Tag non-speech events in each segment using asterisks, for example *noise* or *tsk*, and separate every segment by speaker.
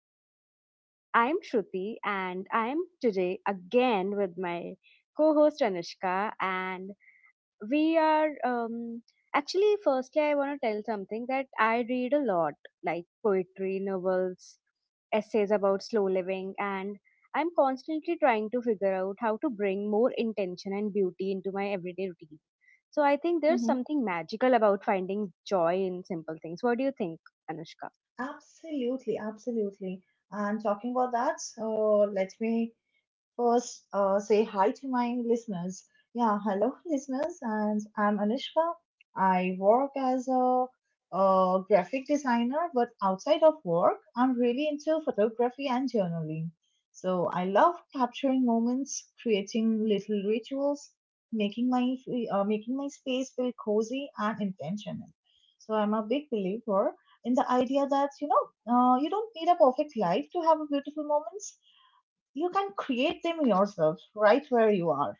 Speaker 1: episode. I'm Shruti, and I'm today again with my co host Anushka. And we are actually firstly I want to tell something that I read a lot, like poetry, novels, essays about slow living, and I'm constantly trying to figure out how to bring more intention and beauty into my everyday routine. So I think there's
Speaker 2: Mm-hmm.
Speaker 1: something magical about finding joy in simple things. What do you think, anushka?
Speaker 2: Absolutely, absolutely. And talking about that, so let me first say hi to my listeners. Yeah, hello, listeners, and I'm Anushka. I work as a graphic designer, but outside of work, I'm really into photography and journaling. So I love capturing moments, creating little rituals, making my making my space feel cozy and intentional. So I'm a big believer in the idea that you don't need a perfect life to have a beautiful moments. You can create them yourself right where you are.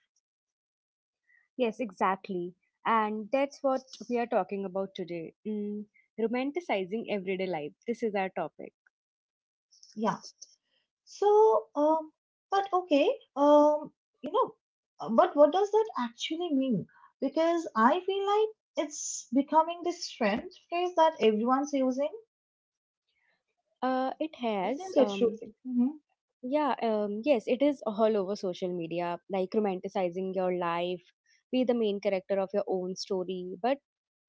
Speaker 1: Yes, exactly. And that's what we are talking about today. Romanticizing everyday life, this is our topic.
Speaker 2: Yeah. So, but okay. um you know but what does that actually mean? Because I feel like it's becoming this trend phrase that everyone's using,
Speaker 1: It has.
Speaker 2: isn't it, Shruti? Hmm.
Speaker 1: Yeah, yes, it is all over social media, like romanticizing your life, be the main character of your own story. But,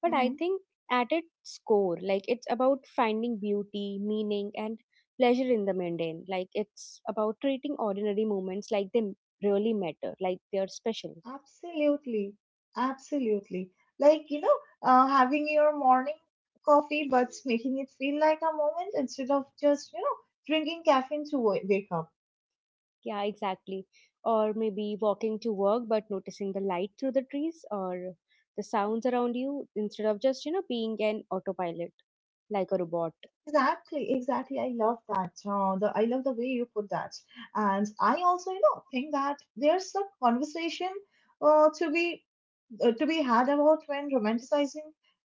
Speaker 1: but I think at its core, like it's about finding beauty, meaning, and pleasure in the mundane. Like it's about treating ordinary moments like they really matter, like they're special.
Speaker 2: Absolutely, absolutely. Like, having your morning coffee, but making it feel like a moment instead of just, drinking caffeine to wake up.
Speaker 1: Yeah, exactly. Or maybe walking to work but noticing the light through the trees or the sounds around you instead of just, you know, being an autopilot like a robot.
Speaker 2: Exactly, exactly. I love that. The I love the way you put that, and I also, think that there's a conversation uh, to be to be had about when romanticizing,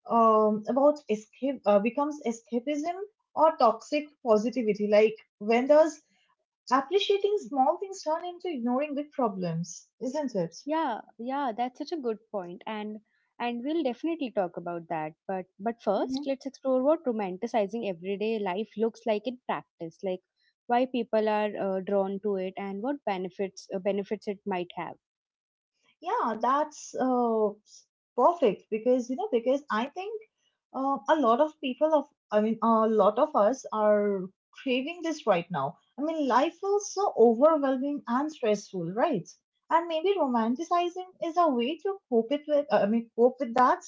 Speaker 2: about escape becomes escapism or toxic positivity. Like, when does appreciating small things turn into ignoring big problems, isn't it?
Speaker 1: Yeah, yeah, that's such a good point, and we'll definitely talk about that. But first, let's explore what romanticizing everyday life looks like in practice, like why people are drawn to it and what benefits benefits it might have.
Speaker 2: Yeah, that's perfect, because because I think, a lot of people of I mean, a lot of us are craving this right now. I mean, life feels so overwhelming and stressful, right? And maybe romanticizing is a way to cope it with. I mean, cope with that,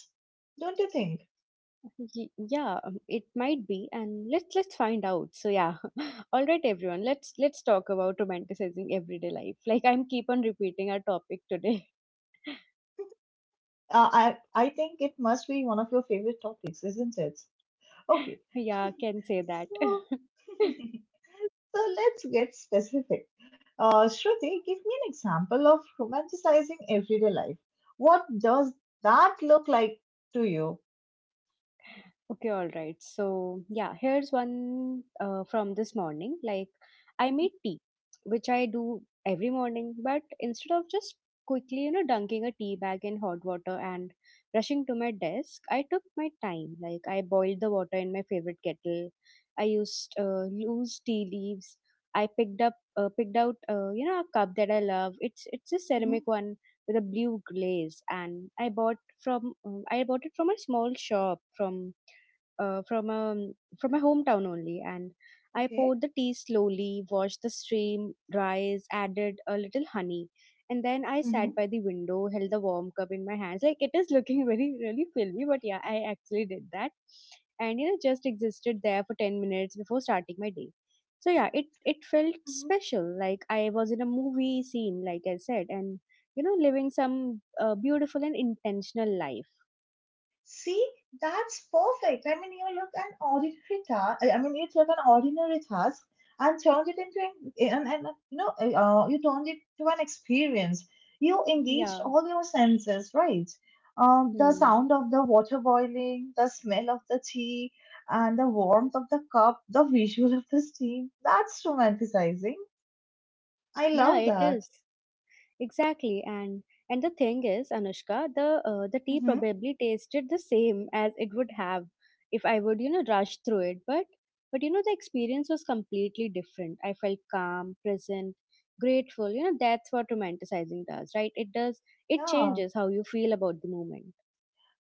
Speaker 2: don't you think?
Speaker 1: Yeah, it might be, and let's find out. So yeah, *laughs* all right everyone, let's talk about romanticizing everyday life, like I'm keep on repeating our topic today.
Speaker 2: I think it must be one of your favorite topics, isn't it? Okay,
Speaker 1: *laughs*
Speaker 2: *laughs*
Speaker 1: Yeah, can say that.
Speaker 2: so.
Speaker 1: *laughs*
Speaker 2: *laughs* So let's get specific. Shruti, give me an example of romanticizing everyday life. What does that look like to you?
Speaker 1: Okay, all right. So, yeah, here's one from this morning. Like, I
Speaker 2: Mhm.
Speaker 1: made tea, which I do every morning, but instead of just quickly, you know, dunking a tea bag in hot water and rushing to my desk, I took my time. Like, I boiled the water in my favorite kettle. I used loose tea leaves. Picked out, you know, a cup that I love. It's a
Speaker 2: Hmm.
Speaker 1: ceramic one with a blue glaze, and I bought it from a small shop uh, from um, from my hometown only, and I
Speaker 2: Okay.
Speaker 1: poured the tea slowly, watched the stream rise, added a little honey, and then I
Speaker 2: Hmm.
Speaker 1: sat by the window, held the warm cup in my hands. Like it is looking *laughs* very really filmy, but yeah, I actually did that, and you know just existed there for 10 minutes before starting my day. So yeah, it felt special, like I was in a movie scene, like I said, and you know living some beautiful and intentional life.
Speaker 2: See, that's perfect. I mean, you look an ordinary task. I mean, you took an ordinary task and turned it into an- you know, you turned it to an experience. You engaged
Speaker 1: Yeah.
Speaker 2: all your senses, right? The
Speaker 1: Hmm.
Speaker 2: sound of the water boiling, the smell of the tea, and the warmth of the cup, the visual of the steam. That's romanticizing. I
Speaker 1: Yeah,
Speaker 2: love
Speaker 1: it
Speaker 2: that.
Speaker 1: is, exactly. And the thing is, anushka, the tea
Speaker 2: Mm-hmm.
Speaker 1: probably tasted the same as it would have if I would, you know, rush through it. But you know, the experience was completely different. I felt calm, present, grateful. You know, that's what romanticizing does, right? It does, it
Speaker 2: Yeah.
Speaker 1: changes how you feel about the moment.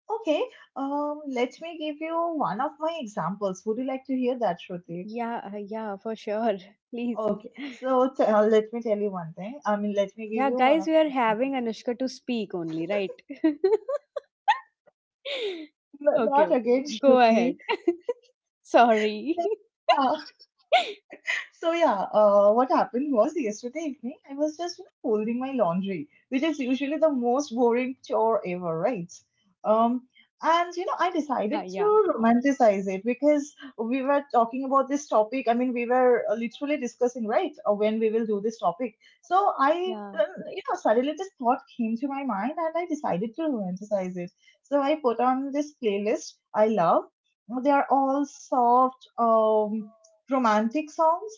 Speaker 2: Okay. Let me give you one of my examples. Would you like to hear that, Shruti?
Speaker 1: Yeah, yeah, for sure. *laughs* Please.
Speaker 2: Okay, so let me tell you one thing. I mean, let me give
Speaker 1: Yeah,
Speaker 2: you one
Speaker 1: guys,
Speaker 2: of
Speaker 1: we are
Speaker 2: the
Speaker 1: having
Speaker 2: examples.
Speaker 1: Anushka to speak only, right? *laughs*
Speaker 2: No,
Speaker 1: Okay,
Speaker 2: not
Speaker 1: okay.
Speaker 2: against
Speaker 1: Go ahead.
Speaker 2: Shruti.
Speaker 1: *laughs* Sorry.
Speaker 2: *laughs* So yeah, what happened was yesterday evening. I was just, folding my laundry, which is usually the most boring chore ever, right? Um, And, I
Speaker 1: *laughs*
Speaker 2: decided
Speaker 1: Yeah, yeah.
Speaker 2: to romanticize it because we were talking about this topic. I mean, we were literally discussing, right, when we will do this topic. So I,
Speaker 1: Yeah.
Speaker 2: um, you know, suddenly this thought came to my mind, and I decided to romanticize it. So I put on this playlist I love. They are all soft, romantic songs,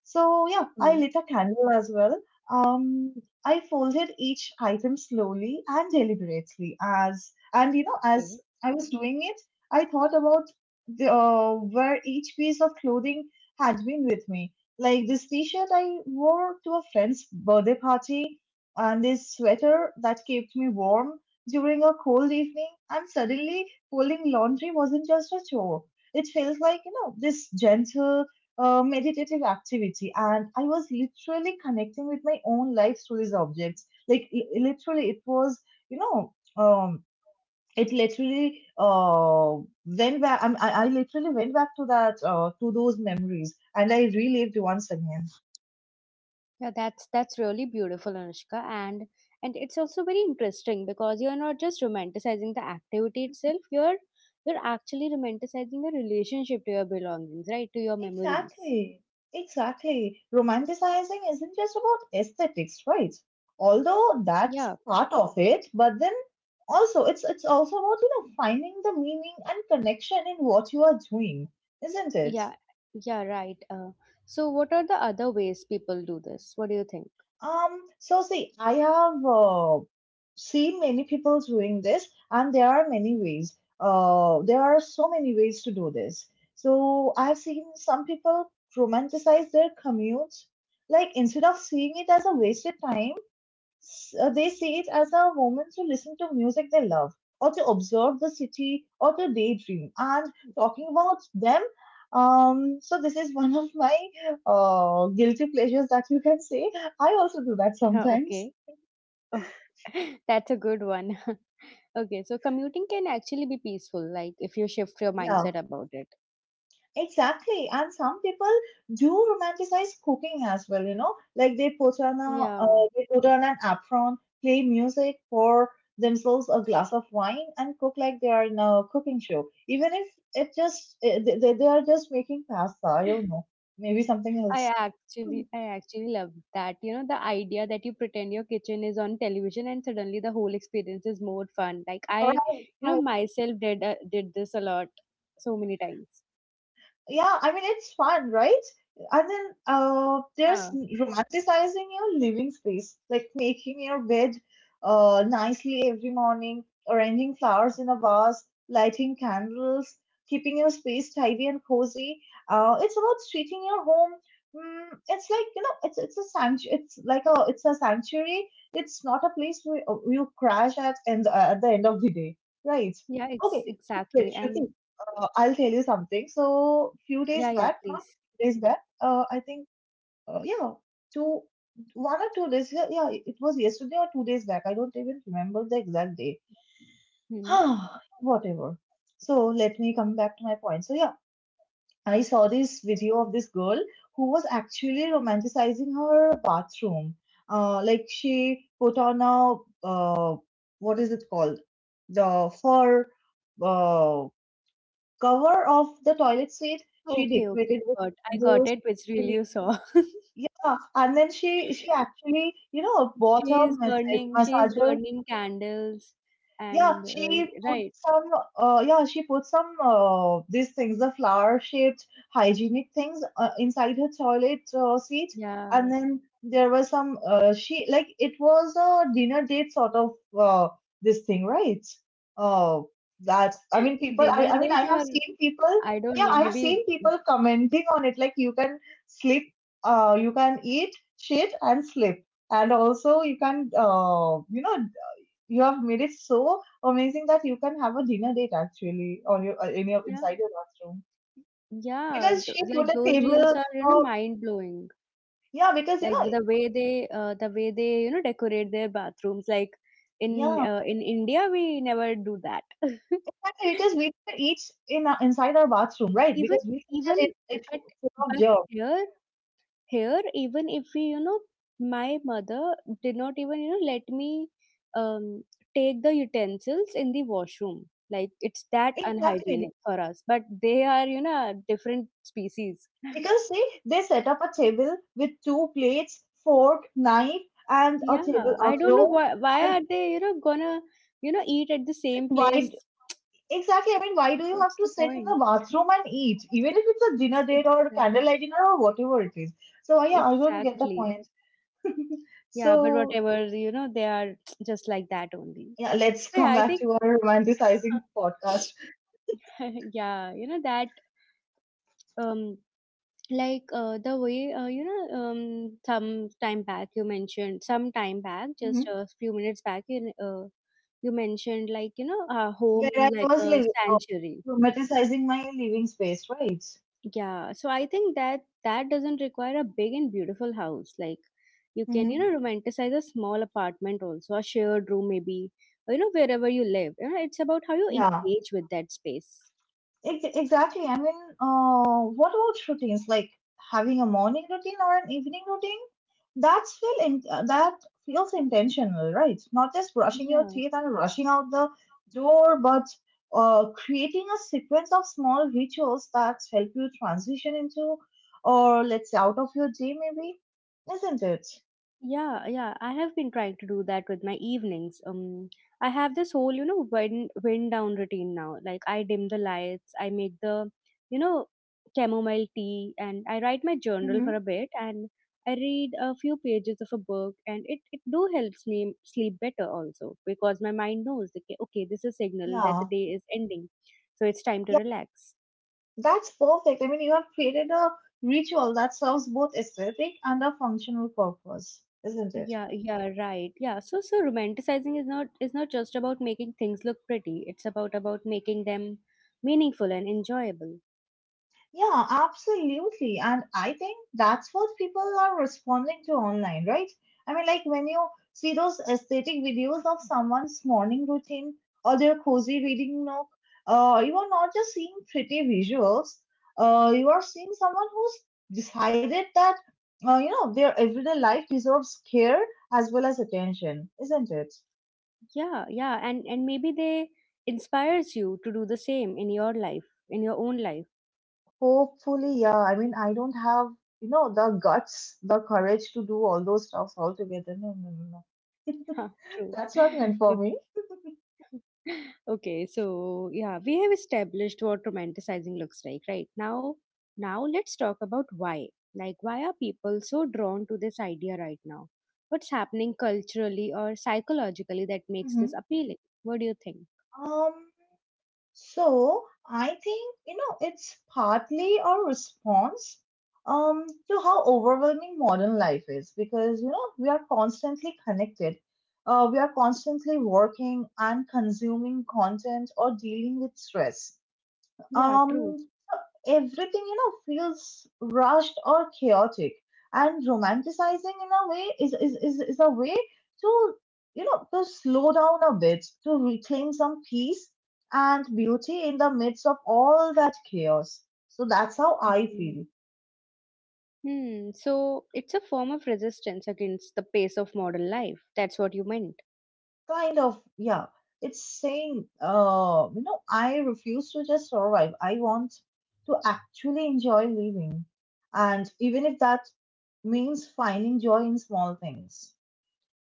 Speaker 2: so yeah, I
Speaker 1: Mm,
Speaker 2: lit a candle as well. Um, I folded each item slowly and deliberately, as and you know as
Speaker 1: okay.
Speaker 2: I was doing it. I thought about where each piece of clothing had been with me. Like this t-shirt I wore to a friend's birthday party, and this sweater that kept me warm during a cold evening. And suddenly, folding laundry wasn't just a chore. It felt like this gentle, meditative activity, and I was literally connecting with my own life through these objects. Like, literally, it was you know it literally went back. I literally went back to that to those memories, and I relived once again.
Speaker 1: Yeah, that's really beautiful, Anushka, and it's also very interesting because you're not just romanticizing the activity itself. You're actually romanticizing your relationship to your belongings, right? To your memories.
Speaker 2: Exactly, exactly. Romanticizing isn't just about aesthetics, right? Although that's
Speaker 1: Yeah.
Speaker 2: part of it, but then also it's also about finding the meaning and connection in what you are doing, isn't it?
Speaker 1: Yeah. Yeah. Right. So, what are the other ways people do this? What do you think?
Speaker 2: So see, I have seen many people doing this, and there are many ways. There are so many ways to do this. So I've seen some people romanticize their commutes. Like, instead of seeing it as a wasted time, they see it as a moment to listen to music they love, or to observe the city, or to daydream. And talking about them, so this is one of my guilty pleasures, that you can say. I also do that
Speaker 1: Huh,
Speaker 2: sometimes.
Speaker 1: okay. Oh, *laughs* that's a good one. *laughs* Okay, so commuting can actually be peaceful, like if you shift your
Speaker 2: Yeah.
Speaker 1: mindset about it.
Speaker 2: Exactly. And some people do romanticize cooking as well, you know, like they put on
Speaker 1: Yeah.
Speaker 2: an apron, play music, pour themselves a glass of wine, and cook like they are in a cooking show. Even if it just eh, they are just making pasta, I don't know, maybe something
Speaker 1: I
Speaker 2: else.
Speaker 1: actually I actually love that. You know, the idea that you pretend your kitchen is on television and suddenly the whole experience is more fun. Like I,
Speaker 2: Correct.
Speaker 1: you know, myself did this a lot so many times.
Speaker 2: Yeah, I mean, it's fun, right? And then there's
Speaker 1: Yeah.
Speaker 2: romanticizing your living space, like making your bed nicely every morning, arranging flowers in a vase, lighting candles, keeping your space tidy and cozy. Uh it's about treating your home. It's like, it's a sanctuary. It's a sanctuary. It's not a place where you crash at and, at the end of the day, right?
Speaker 1: Yeah,
Speaker 2: Okay, but
Speaker 1: exactly. And
Speaker 2: Shruti, I'll tell you something. So, few days
Speaker 1: yeah, yeah,
Speaker 2: back, not
Speaker 1: please.
Speaker 2: few days back, I think, yeah, two, 1 or 2 days. Yeah, yeah, it was yesterday or 2 days back. I don't even remember the exact day.
Speaker 1: Hmm.
Speaker 2: *sighs* Whatever. So let me come back to my point. So yeah, I saw this video of this girl who was actually romanticizing her bathroom. Like, she put on a, uh, what is it called? The fur. Uh, Cover of the toilet seat. She
Speaker 1: Okay, okay.
Speaker 2: decorated with
Speaker 1: Got I got
Speaker 2: candles.
Speaker 1: it, which reel
Speaker 2: She,
Speaker 1: you saw.
Speaker 2: yeah, and then she actually, bought a
Speaker 1: She is burning she is
Speaker 2: massager.
Speaker 1: burning candles
Speaker 2: Yeah,
Speaker 1: and right.
Speaker 2: she put some, these things, the flower-shaped hygienic things, inside her toilet seat. And
Speaker 1: Yeah.
Speaker 2: then she, like, it was a dinner date sort of, uh, this thing, right? Uh, that, I mean,
Speaker 1: Dinner
Speaker 2: I mean,
Speaker 1: date
Speaker 2: I have
Speaker 1: or
Speaker 2: seen people,
Speaker 1: I don't
Speaker 2: yeah,
Speaker 1: know,
Speaker 2: I have
Speaker 1: maybe
Speaker 2: seen people commenting on it, like, you can sleep, you can eat shit and sleep. And also, you can, you have made it so amazing that you can have a dinner date actually on your in your
Speaker 1: yeah.
Speaker 2: inside your bathroom,
Speaker 1: Yeah,
Speaker 2: because she put
Speaker 1: like
Speaker 2: a
Speaker 1: those
Speaker 2: table.
Speaker 1: reels are, you know,
Speaker 2: uh,
Speaker 1: mind blowing.
Speaker 2: yeah, because
Speaker 1: Like the way the way they, you know, decorate their bathrooms like
Speaker 2: yeah,
Speaker 1: in India we never do that. *laughs*
Speaker 2: exactly, because we can eat inside our bathroom, right?
Speaker 1: even
Speaker 2: Because we think that
Speaker 1: even
Speaker 2: it
Speaker 1: but
Speaker 2: full of
Speaker 1: but
Speaker 2: germs.
Speaker 1: here, even if we, you know, my mother did not even, you know, let me um, take the utensils in the washroom. Like it's that
Speaker 2: Exactly,
Speaker 1: unhygienic for us, but they are, you know, a different species.
Speaker 2: because see, they set up a table with two plates, fork, knife, and a table,
Speaker 1: Yeah,
Speaker 2: a
Speaker 1: I don't know
Speaker 2: cloth,
Speaker 1: why,
Speaker 2: and
Speaker 1: are they, you know, gonna, you know, eat at the
Speaker 2: a
Speaker 1: same place.
Speaker 2: wide. Exactly. I mean, why do you have
Speaker 1: What's
Speaker 2: to
Speaker 1: the
Speaker 2: sit in
Speaker 1: point?
Speaker 2: the bathroom and eat, even if it's a dinner
Speaker 1: It's
Speaker 2: date or
Speaker 1: exact
Speaker 2: candlelight dinner or whatever it is? So, yeah, I don't get the
Speaker 1: Exactly.
Speaker 2: point.
Speaker 1: Yeah, but
Speaker 2: So,
Speaker 1: whatever, you know, they are *tsk* just like that only.
Speaker 2: yeah, let's
Speaker 1: So yeah,
Speaker 2: come
Speaker 1: I
Speaker 2: back
Speaker 1: think
Speaker 2: to our romanticizing podcast.
Speaker 1: *laughs* *laughs* yeah, you know that um like the way, you know, some time back you mentioned, some time back, just
Speaker 2: Hmm.
Speaker 1: a few minutes back you mentioned, like, you know, a home
Speaker 2: Where I
Speaker 1: like
Speaker 2: was
Speaker 1: a
Speaker 2: living, oh,
Speaker 1: sanctuary.
Speaker 2: romanticizing my living space, right?
Speaker 1: Yeah, so I think that that doesn't require a big and beautiful house. Like you can, you
Speaker 2: Hmm.
Speaker 1: know, romanticize a small apartment, also a shared room maybe, or, you know, wherever you live, you know, it's about how you
Speaker 2: Yeah.
Speaker 1: engage with that space.
Speaker 2: Exactly. I mean, what about routines, like having a morning routine or an evening routine? That feels intentional, right? Not just brushing your
Speaker 1: Yeah.
Speaker 2: teeth and rushing out the door, but creating a sequence of small rituals that help you transition into, or let's say, out of your day, maybe, isn't it?
Speaker 1: Yeah, yeah, I have been trying to do that with my evenings. I have this whole, you know, wind down routine now. Like I dim the lights, I make the, you know, chamomile tea, and I write my journal
Speaker 2: Hmm.
Speaker 1: for a bit, and I read a few pages of a book, and it do helps me sleep better also because my mind knows that okay, okay, this is a signal that
Speaker 2: Yeah.
Speaker 1: the day is ending, so it's time to relax.
Speaker 2: That's perfect. I mean, you have created a ritual that serves both aesthetic and a functional purpose, isn't it?
Speaker 1: Yeah, yeah, right. Yeah. So so romanticizing is not just about making things look pretty. It's about making them meaningful and enjoyable.
Speaker 2: Yeah, absolutely. And I think that's what people are responding to online, right? I mean, like when you see those aesthetic videos of someone's morning routine or their cozy reading nook, you are not just seeing pretty visuals. You are seeing someone who's decided that, their everyday life deserves care as well as attention, isn't it?
Speaker 1: Yeah, yeah. And maybe they inspires you to do the same in your life, in your own life.
Speaker 2: Hopefully, yeah. I mean, I don't have, the guts, the courage to do all those stuffs all together. No, no, no, no.
Speaker 1: *laughs* True.
Speaker 2: That's not meant for
Speaker 1: *laughs*
Speaker 2: me. *laughs*
Speaker 1: Okay, so yeah, we have established what romanticizing looks like, right? Now, now let's talk about why. Like, why are people so drawn to this idea right now? What's happening culturally or psychologically that makes
Speaker 2: Mhm.
Speaker 1: this appealing? What do you think?
Speaker 2: Um, so I think, it's partly a response to how overwhelming modern life is, because, we are constantly connected. We are constantly working and consuming content or dealing with stress.
Speaker 1: Yeah, true.
Speaker 2: Um, Everything, feels rushed or chaotic, and romanticizing, in a way, is a way to you know to slow down a bit, to reclaim some peace and beauty in the midst of all that chaos. So that's how I
Speaker 1: Mm.
Speaker 2: feel.
Speaker 1: Hmm, so it's a form of resistance against the pace of modern life. That's what you meant.
Speaker 2: Kind of, yeah. It's saying, I refuse to just survive. I want to actually enjoy living, and even if that means finding joy in small things.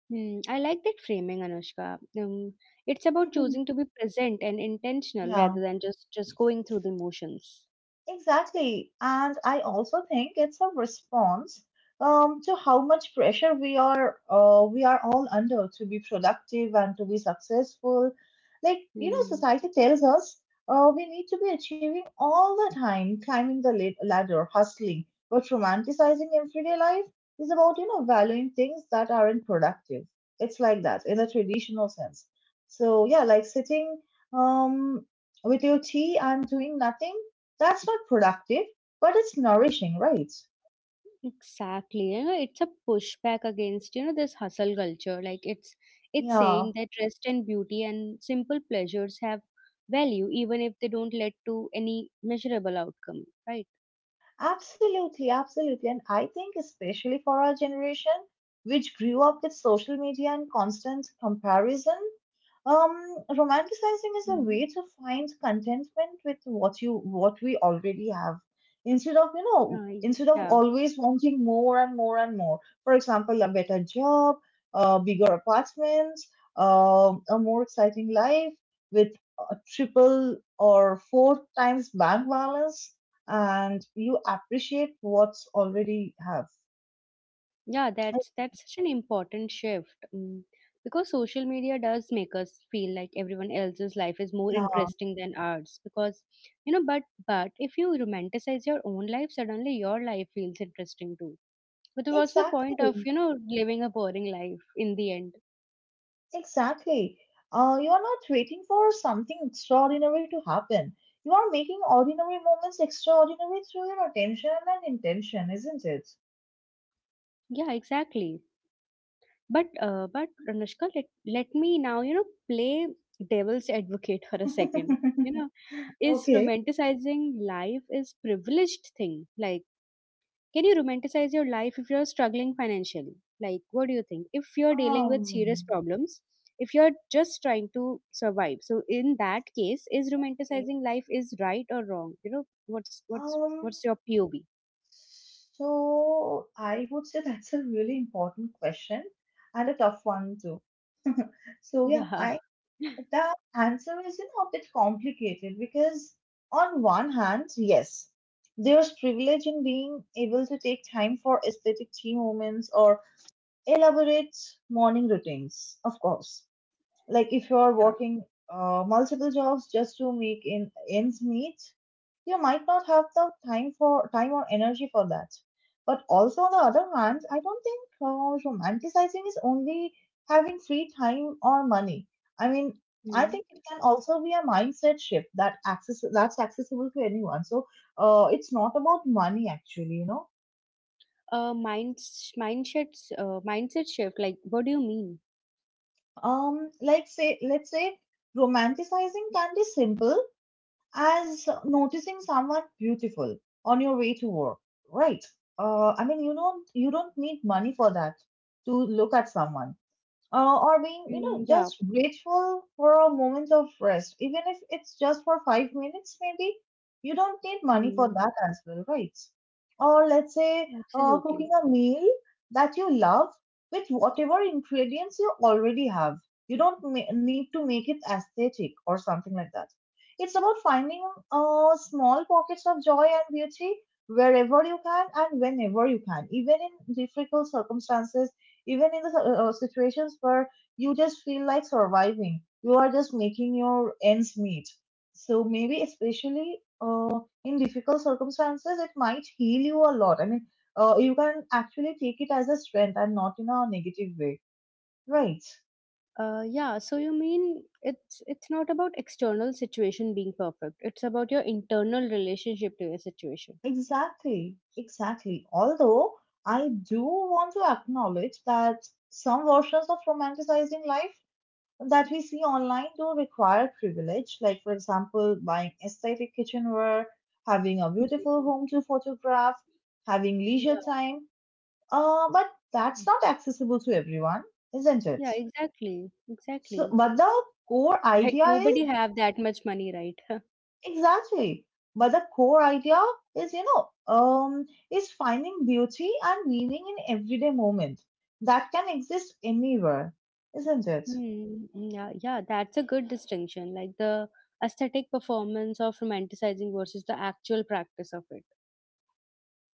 Speaker 1: Hmm, I like that framing, Anushka. It's about choosing
Speaker 2: *laughs*
Speaker 1: to be present and intentional
Speaker 2: Yeah,
Speaker 1: rather than just going through the motions.
Speaker 2: exactly. And I also think it's a response, to how much pressure we are we are all under to be productive and to be successful. Like, you know,
Speaker 1: Mm,
Speaker 2: society tells us we need to be achieving all the time, climbing the ladder, hustling. But romanticizing everyday life is about, you know, valuing things that aren't productive. It's like that in a traditional sense. So yeah, like sitting um, with your tea and doing nothing that's not productive, but it's nourishing, right?
Speaker 1: exactly. You know, it's a pushback against, you know, this hustle culture. Like it's saying
Speaker 2: Yeah.
Speaker 1: that rest and beauty and simple pleasures have value even if they don't lead to any measurable outcome, right?
Speaker 2: Absolutely, absolutely. And I think, especially for our generation, which grew up with social media and constant comparison, um, romanticizing is a
Speaker 1: Hmm.
Speaker 2: way to find contentment with what we already have. Instead of, you know,
Speaker 1: Right.
Speaker 2: instead of
Speaker 1: Yeah.
Speaker 2: always wanting more and more and more. For example, a better job, a bigger apartment, a more exciting life with a triple or four times bank balance and you appreciate what's already have.
Speaker 1: Yeah, that's such an important shift. Mm. Because social media does make us feel like everyone else's life is more
Speaker 2: Yeah,
Speaker 1: interesting than ours. Because you know, but if you romanticize your own life, suddenly your life feels interesting too. But what's the point of,
Speaker 2: exactly.
Speaker 1: you know, living a boring life in the end?
Speaker 2: Exactly. You are not waiting for something extraordinary to happen. You are making ordinary moments extraordinary through your attention and intention, isn't it?
Speaker 1: Yeah, exactly. But Anushka, let me now, you know, play devil's advocate for a second. You
Speaker 2: *laughs*
Speaker 1: know, is
Speaker 2: Okay.
Speaker 1: romanticizing life is privileged thing. Like, can you romanticize your life if you're struggling financially? Like, what do you think? If you're dealing with serious
Speaker 2: Um,
Speaker 1: problems, if you're just trying to survive. So in that case, is
Speaker 2: okay.
Speaker 1: romanticizing life is right or wrong? You know, what's
Speaker 2: Um,
Speaker 1: what's your POV?
Speaker 2: so I would say that's a really important question and a tough one too. So yeah,
Speaker 1: Yeah.
Speaker 2: I. The answer is, you know, a bit complicated because, on one hand, yes, there's privilege in being able to take time for aesthetic tea moments or elaborate morning routines, of course, like if you are
Speaker 1: Yeah.
Speaker 2: working multiple jobs just to make in, ends meet. You might not have the time for time or energy for that, but also on the other hand, I don't think romanticizing is only having free time or money. I mean, I
Speaker 1: Hmm.
Speaker 2: think it can also be a mindset shift that access that's accessible to anyone. So it's not about money, actually, you know.
Speaker 1: Mindset shift. Like, what do you mean?
Speaker 2: Um like say let's say romanticizing can be simple as noticing someone beautiful on your way to work, right? I mean, you don't need money for that to look at someone, or being, you
Speaker 1: Mm,
Speaker 2: know,
Speaker 1: yeah.
Speaker 2: just grateful for a moment of rest, even if it's just for 5 minutes, maybe. You don't need money for
Speaker 1: Mm,
Speaker 2: that as well, right? Or let's say
Speaker 1: absolutely.
Speaker 2: cooking a meal that you love with whatever ingredients you already have. You don't need to make it aesthetic or something like that. It's about finding small pockets of joy and beauty wherever you can and whenever you can, even in difficult circumstances, even in the situations where you just feel like surviving, you are just making your ends meet. So maybe especially in difficult circumstances it might heal you a lot. I mean, you can actually take it as a strength and not in a negative way, right?
Speaker 1: Yeah. So you mean it's not about external situation being perfect. It's about your internal relationship to your situation.
Speaker 2: Exactly, exactly. Although I do want to acknowledge that some versions of romanticizing life that we see online do require privilege, like, for example, buying aesthetic kitchenware, having a beautiful
Speaker 1: Mhm.
Speaker 2: home to photograph, having leisure
Speaker 1: Yeah.
Speaker 2: time. But that's not accessible to everyone, isn't it?
Speaker 1: Yeah. Exactly.
Speaker 2: So,
Speaker 1: Exactly. *laughs*
Speaker 2: but the core
Speaker 1: Like
Speaker 2: idea is
Speaker 1: nobody have that much money, right? *laughs*
Speaker 2: exactly, but the core idea is, you know, is finding beauty and meaning in everyday moment that can exist anywhere, isn't it?
Speaker 1: Hmm. Yeah, yeah, that's a good distinction. Like the aesthetic performance of romanticizing versus the actual practice of it.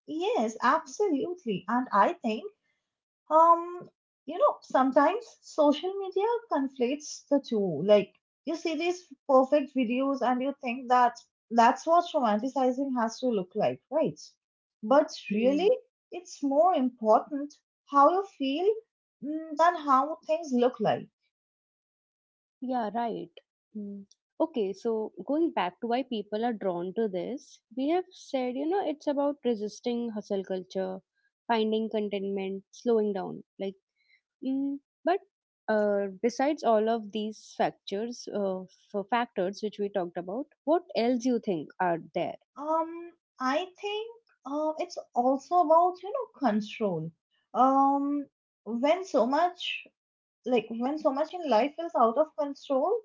Speaker 2: Yes, absolutely. And I think Um, you know, sometimes social media conflates the two. Like, you see these perfect videos and you think that that's what romanticizing has to look like, right? But
Speaker 1: Hmm.
Speaker 2: really, it's more important how you feel, mm, than how things look like.
Speaker 1: Yeah, right. Hmm. Okay, so going back to why people are drawn to this, we have said, you know, it's about resisting hustle culture, finding contentment, slowing down. Like, mm, but besides all of these factors, factors which we talked about, what else you think are there?
Speaker 2: Um, I think it's also about, you know, control. Um, when so much, like, when so much in life is out of control,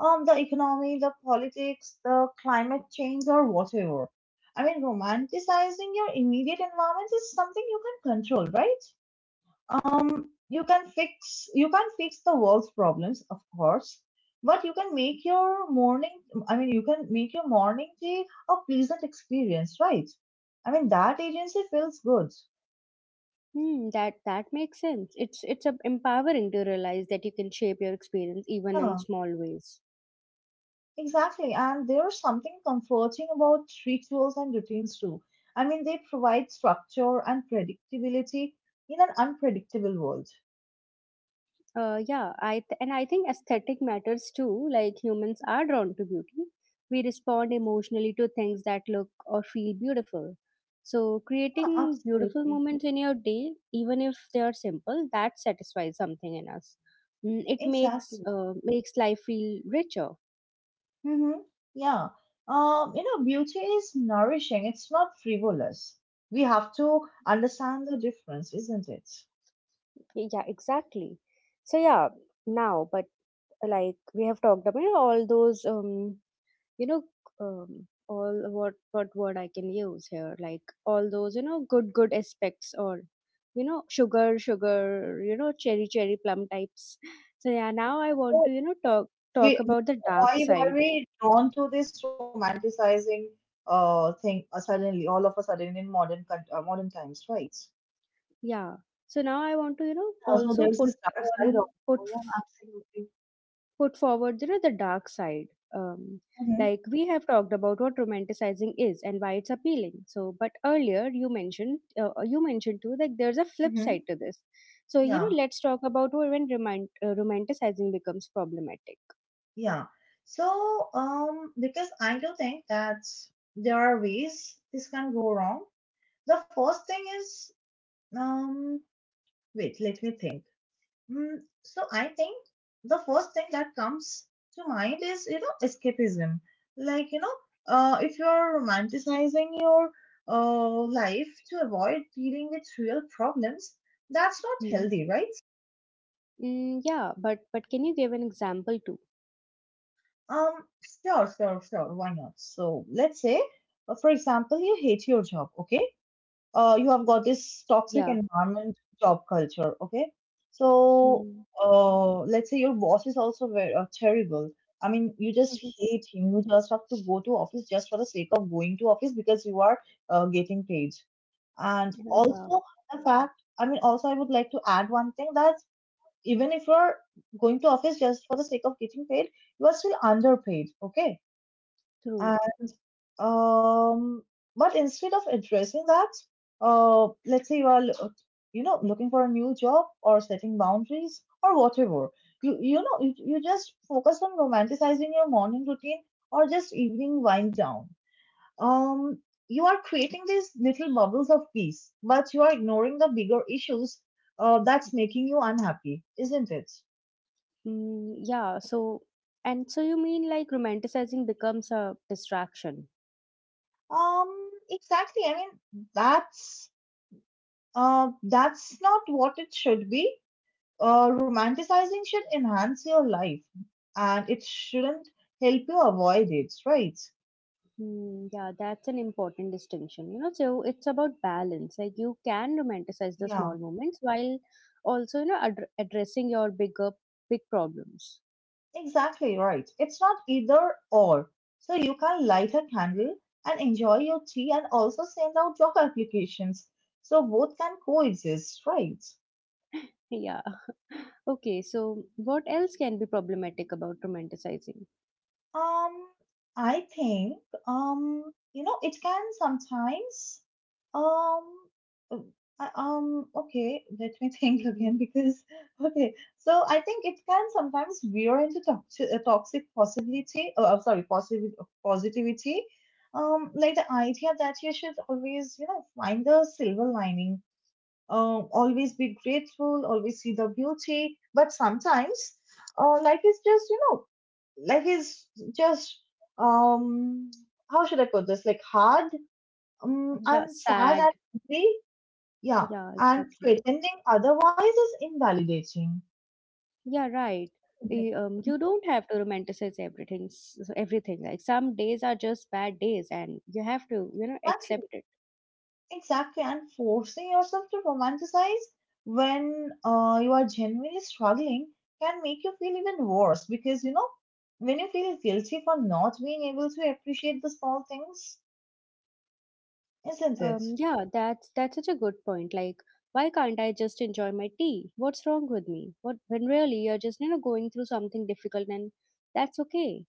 Speaker 2: the economy, the politics, the climate change, or whatever. I mean, romanticizing your immediate environment is something you can control, right? You can fix the world's problems, of course, but you can make your morning. I mean, you can make your morning tea a pleasant experience, right? I mean, that agency feels good.
Speaker 1: Hmm, that that makes sense. It's empowering to realize that you can shape your experience even
Speaker 2: Yeah.
Speaker 1: in small ways.
Speaker 2: Exactly, and there's something comforting about rituals and routines too. I mean, they provide structure and predictability in an unpredictable world.
Speaker 1: Yeah, and I think aesthetic matters too. Like humans are drawn to beauty. We respond emotionally to things that look or feel beautiful. So
Speaker 2: Yeah,
Speaker 1: creating beautiful
Speaker 2: absolutely.
Speaker 1: moments in your day, even if they are simple, that satisfies something in us. Mm, it makes
Speaker 2: Exactly.
Speaker 1: makes life feel richer.
Speaker 2: Mm-hmm. Yeah. You know, beauty is nourishing, it's not frivolous. We have to understand the difference, isn't it?
Speaker 1: Yeah, exactly. So yeah, but like we have talked about all those you know all what word I can use here, like all those, you know, good aspects, or you know, sugar, you know, cherry plum types. So yeah, now I want
Speaker 2: So
Speaker 1: to, you know, talk
Speaker 2: we
Speaker 1: about the
Speaker 2: why
Speaker 1: dark
Speaker 2: were
Speaker 1: side.
Speaker 2: we drawn to this romanticizing thing suddenly, all of a sudden in modern modern times, right?
Speaker 1: Yeah, so now I want to, you know,
Speaker 2: Also
Speaker 1: also
Speaker 2: there's
Speaker 1: put
Speaker 2: this dark side
Speaker 1: on
Speaker 2: of,
Speaker 1: put
Speaker 2: oh, yeah, absolutely.
Speaker 1: put forward, you know, the dark side. um,
Speaker 2: Mm-hmm,
Speaker 1: like we have talked about what romanticizing is and why it's appealing, so but earlier you mentioned, you mentioned too, like there's a flip
Speaker 2: mm-hmm.
Speaker 1: side to this. So you know,
Speaker 2: Yeah,
Speaker 1: let's talk about when romanticizing becomes problematic.
Speaker 2: yeah. So, because I do think that there are ways this can go wrong. The first thing is, um, wait, let me think. Mm, so I think the first thing that comes to mind is, you know, escapism. Like, you know, if you're romanticizing your life to avoid dealing with real problems, that's not
Speaker 1: Hmm.
Speaker 2: healthy, right?
Speaker 1: Mm, yeah, but can you give an example too?
Speaker 2: Um, sure, sure, sure. Why not? So let's say, for example, you hate your job, okay? You have got this toxic
Speaker 1: Yeah.
Speaker 2: environment, job culture, okay? So,
Speaker 1: Mm.
Speaker 2: let's say your boss is also very terrible. I mean, you just
Speaker 1: Mhm.
Speaker 2: hate him. You just have to go to office just for the sake of going to office because you are getting paid. And
Speaker 1: Yeah, yeah,
Speaker 2: also the fact, I mean, also I would like to add one thing that even if you are going to office just for the sake of getting paid, you are still underpaid, okay?
Speaker 1: true.
Speaker 2: And um, but instead of addressing that, let's say you are, you know, looking for a new job or setting boundaries or whatever. You just focus on romanticizing your morning routine or just evening wind down. Um, you are creating these little bubbles of peace, but you are ignoring the bigger issues that's making you unhappy, isn't it?
Speaker 1: Mm, yeah, so and so you mean like romanticizing becomes a distraction.
Speaker 2: Um, exactly. I mean, that's. That's not what it should be. Romanticizing should enhance your life and it shouldn't help you avoid it, right?
Speaker 1: Hmm, yeah, that's an important distinction, you know. So it's about balance. Like you can romanticize the
Speaker 2: Yeah,
Speaker 1: small moments while also, you know, ad addressing your big problems.
Speaker 2: exactly right. It's not either or. So you can light a candle and enjoy your tea and also send out job applications. So both can coexist, right?
Speaker 1: Yeah. *laughs* Okay, so what else can be problematic about romanticizing?
Speaker 2: Um, I think you know, it can sometimes um, uh, okay, let me *laughs* think again
Speaker 1: Mm,
Speaker 2: because okay, so I think it can sometimes veer into toxic, toxic possibility. Oh, I'm sorry, positive positivity. Like the idea that you should always, you know, find the silver lining, always be grateful, always see the beauty. But sometimes life is just, you know, life is just, um, how should I put this? Like hard
Speaker 1: yeah,
Speaker 2: and sad
Speaker 1: sad.
Speaker 2: and angry. Yeah.
Speaker 1: Yeah,
Speaker 2: And
Speaker 1: exactly.
Speaker 2: pretending otherwise is invalidating.
Speaker 1: Yeah, right.
Speaker 2: Exactly.
Speaker 1: You don't have to romanticize everything, everything. Like some days are just bad days, and you have to, you know, accept it.
Speaker 2: Exactly, and forcing yourself to romanticize when you are genuinely struggling can make you feel even worse because, you know, when you feel guilty for not being able to appreciate the small things, isn't it?
Speaker 1: Yeah, that's such a good point. Like, why can't I just enjoy my tea? What's wrong with me? What when really you're just, you know, going through something difficult and that's okay.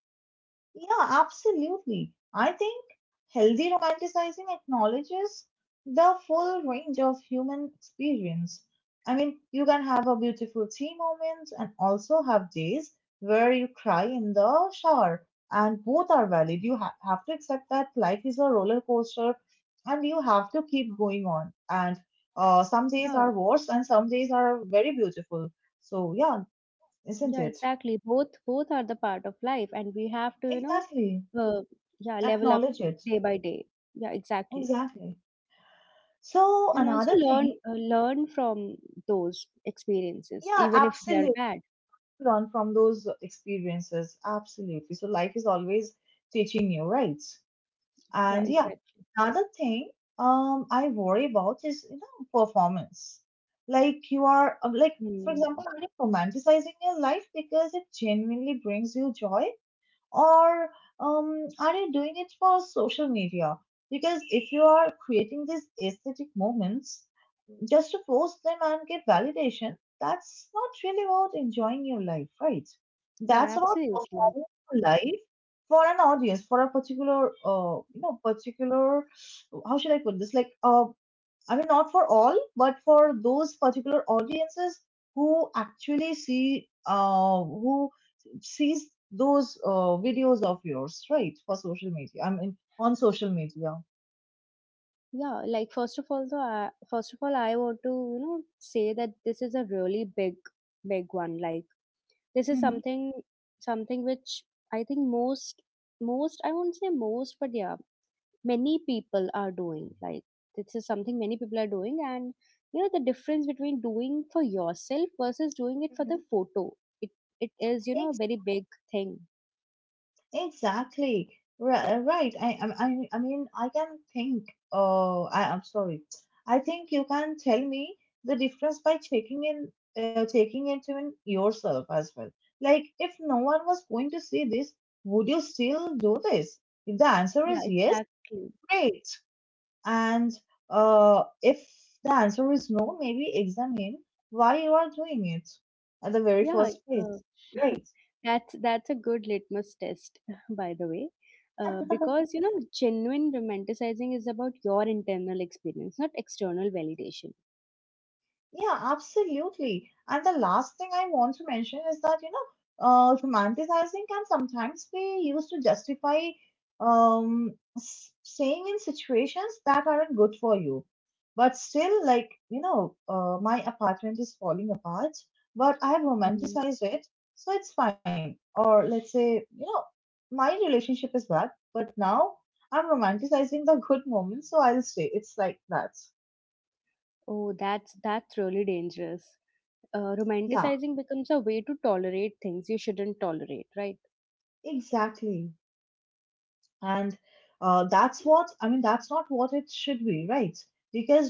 Speaker 2: Yeah, absolutely. I think healthy romanticizing acknowledges the full range of human experience. I mean, you can have a beautiful tea moment and also have days where you cry in the shower, and both are valid. You have to accept that life is a roller coaster and you have to keep going on. And some days
Speaker 1: Yeah,
Speaker 2: are worse and some days are very beautiful. So, yeah, isn't
Speaker 1: yeah,
Speaker 2: it?
Speaker 1: exactly. Both are the part of life and we have to, you know,
Speaker 2: Exactly.
Speaker 1: uh, yeah, level up
Speaker 2: Acknowledge it.
Speaker 1: day by day. Yeah, exactly.
Speaker 2: Exactly. So
Speaker 1: And also
Speaker 2: another
Speaker 1: learn
Speaker 2: thing,
Speaker 1: learn from those experiences,
Speaker 2: yeah,
Speaker 1: even if they are
Speaker 2: absolutely
Speaker 1: bad.
Speaker 2: learn from those experiences. Absolutely. So life is always teaching you, right?
Speaker 1: Yeah,
Speaker 2: And yeah,
Speaker 1: exactly.
Speaker 2: another thing I worry about is, you know, performance. Like you are like for
Speaker 1: Hmm.
Speaker 2: example, are you romanticizing your life because it genuinely brings you joy? Or are you doing it for social media? Because if you are creating these aesthetic moments just to post them and get validation, that's not really about enjoying your life, right?
Speaker 1: Yeah,
Speaker 2: That's about
Speaker 1: absolutely.
Speaker 2: performing your life for an audience, for a particular, you know, particular, how should I put this? Like a, I mean, not for all, but for those particular audiences who actually see, who sees those videos of yours, right, for social media. I mean, on social media.
Speaker 1: Yeah, like first of all, first of all, I want to, you know, say that this is a really big one. Like this is something which I think most, I won't say most, but yeah, many people are doing. Like this is something many people are doing, and you know the difference between doing for yourself versus doing it for
Speaker 2: Mm-hmm.
Speaker 1: the photo. It it is, you know, a very big thing.
Speaker 2: Exactly. Right, right. I mean, I can think. Oh, I'm sorry. I think you can tell me the difference by checking in, checking it in yourself as well. Like, if no one was going to see this, would you still do this? If the answer
Speaker 1: Yeah,
Speaker 2: is yes,
Speaker 1: exactly.
Speaker 2: great. And if the answer is no, maybe examine why you are doing it at the very
Speaker 1: Yeah,
Speaker 2: first place.
Speaker 1: uh, *laughs*
Speaker 2: Right.
Speaker 1: that's a good litmus test, *laughs* by the way, because you know genuine romanticizing is about your internal experience, not external validation.
Speaker 2: Yeah, absolutely. And the last thing I want to mention is that, you know, romanticizing can sometimes be used to justify staying in situations that aren't good for you. But still, like, you know, my apartment is falling apart, but I have
Speaker 1: Mm.
Speaker 2: romanticized it, so it's fine. Or let's say, you know, my relationship is bad, but now I'm romanticizing the *laughs* good moments, so I'll stay. It's like that.
Speaker 1: Oh, that's really dangerous.
Speaker 2: Yeah,
Speaker 1: Romanticizing becomes a way to tolerate things you shouldn't tolerate, right?
Speaker 2: exactly. And that's what, I mean, that's not what it should be, right? Because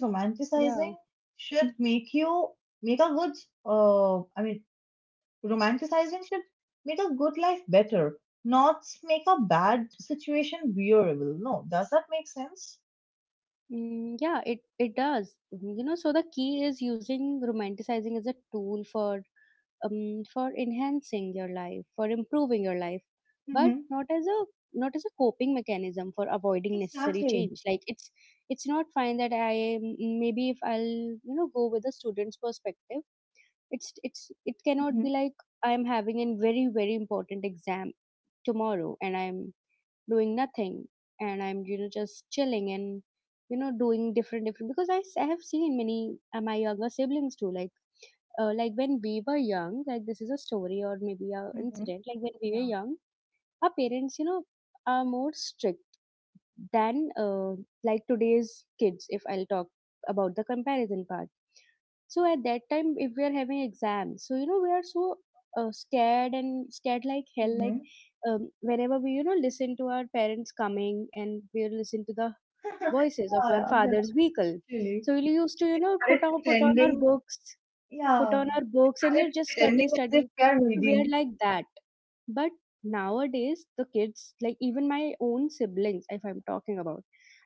Speaker 1: Yeah.
Speaker 2: romanticizing should make you make a good, uh, I mean, romanticizing should make a good life better, not make a bad situation bearable. No, does that make sense?
Speaker 1: Mm, yeah, it does. Mm, you know, so the key is using romanticizing as a tool for enhancing your life, for improving your life. But
Speaker 2: Mm-hmm.
Speaker 1: not as a coping mechanism for avoiding necessary
Speaker 2: Exactly.
Speaker 1: change. Like it's not fine that maybe if I'll, you know, go with a student's perspective, it cannot
Speaker 2: Mm-hmm.
Speaker 1: be like I am having a very important exam tomorrow and I'm doing nothing, and I'm, you know, just chilling and, you know, doing different, because I have seen many my younger siblings too. Like like when we were young, like this is a story or maybe a
Speaker 2: Mm-hmm.
Speaker 1: incident. Like when we were
Speaker 2: Yeah.
Speaker 1: young, our parents, you know, are more strict than, like today's kids, if I'll talk about the comparison part. So at that time, if we are having exams, so you know we are so scared, and scared like hell. Like
Speaker 2: Mm-hmm.
Speaker 1: whenever we, you know, listen to our parents coming, and we listen to the
Speaker 2: *laughs*
Speaker 1: voices of our
Speaker 2: Yeah, yeah,
Speaker 1: father's vehicle,
Speaker 2: actually.
Speaker 1: so we used to, you know,
Speaker 2: Started pretending.
Speaker 1: put
Speaker 2: Yeah.
Speaker 1: on our books, and
Speaker 2: Started
Speaker 1: you just study
Speaker 2: pretending as
Speaker 1: study
Speaker 2: if we are
Speaker 1: So
Speaker 2: reading.
Speaker 1: we're like that. But nowadays the kids, like even my own siblings if I'm talking about,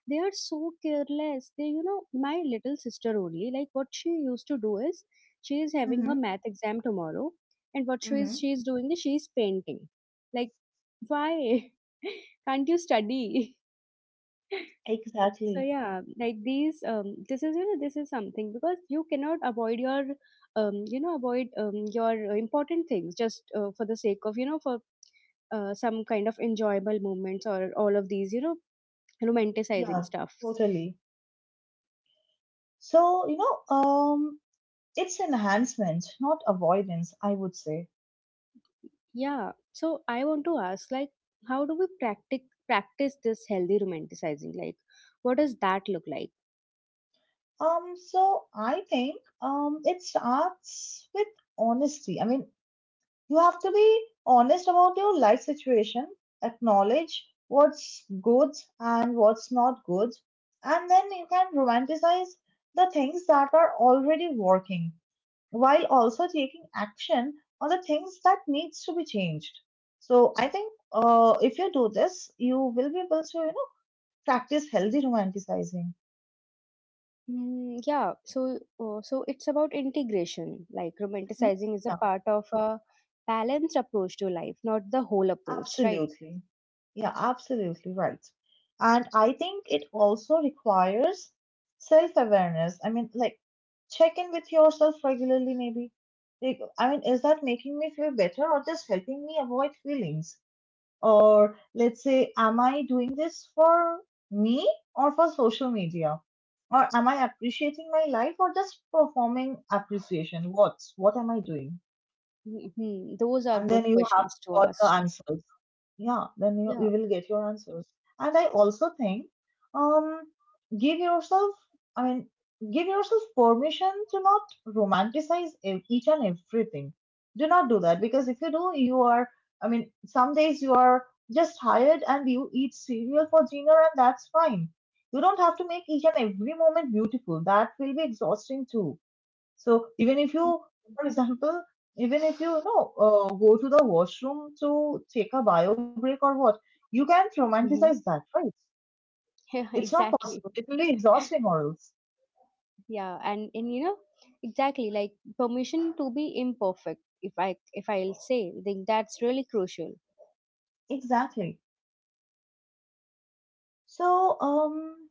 Speaker 1: they are so careless. They, you know, my little sister only, like what she used to do is she is having her
Speaker 2: Hmm.
Speaker 1: math exam tomorrow, and what
Speaker 2: Mm-hmm.
Speaker 1: she is doing is she is painting. Like why *laughs* can't you study? So
Speaker 2: Exactly.
Speaker 1: yeah, like these, this is, you know, this is something because you cannot avoid your, avoid your important things just for the sake of, you know, for some kind of enjoyable moments or all of these, you know, romanticizing
Speaker 2: Yeah,
Speaker 1: stuff.
Speaker 2: totally. So, it's enhancement, not avoidance, I would say.
Speaker 1: Yeah. So I want to ask, like, how do we practice this healthy romanticizing? Like, what does that look like?
Speaker 2: So I think it starts with honesty. I mean, you have to be honest about your life situation, acknowledge what's good and what's not good, and then you can romanticize the things that are already working, while also taking action on the things that needs to be changed. So I think if you do this, you will be able to, practice healthy romanticizing.
Speaker 1: Mm, yeah, so so it's about integration. Like
Speaker 2: Mhm.
Speaker 1: romanticizing is a part of a balanced approach to life, not the whole
Speaker 2: Yeah,
Speaker 1: approach, right?
Speaker 2: absolutely. Yeah, absolutely right. And I think it also requires self awareness. I mean, like, check in with yourself regularly. Maybe, like, I mean, is that making me feel better or just helping me avoid feelings? Or let's say, am I doing this for me or for social media? Or am I appreciating my life or just performing appreciation? What? What am I doing?
Speaker 1: Hmm, those are
Speaker 2: And then
Speaker 1: good
Speaker 2: you have
Speaker 1: questions to
Speaker 2: got the
Speaker 1: ask.
Speaker 2: answers. Yeah, then you
Speaker 1: Yeah.
Speaker 2: will get your answers. And I also think, um, give yourself, I mean, give yourself permission to not romanticize each and everything. Do not do that, because if you do, you are, I mean, some days you are just tired and you eat cereal for dinner, and that's fine. You don't have to make each and every moment beautiful. That will be exhausting too. So even if you, for example, even if you, go to the washroom to take a bio break or what, you can't romanticize
Speaker 1: Mm-hmm.
Speaker 2: that,
Speaker 1: *laughs*
Speaker 2: right?
Speaker 1: Yeah,
Speaker 2: It's not
Speaker 1: exactly.
Speaker 2: possible. It will be exhausting or else.
Speaker 1: Yeah, and you know, exactly like permission to be imperfect. If I'll say, I think that's really crucial.
Speaker 2: Exactly. So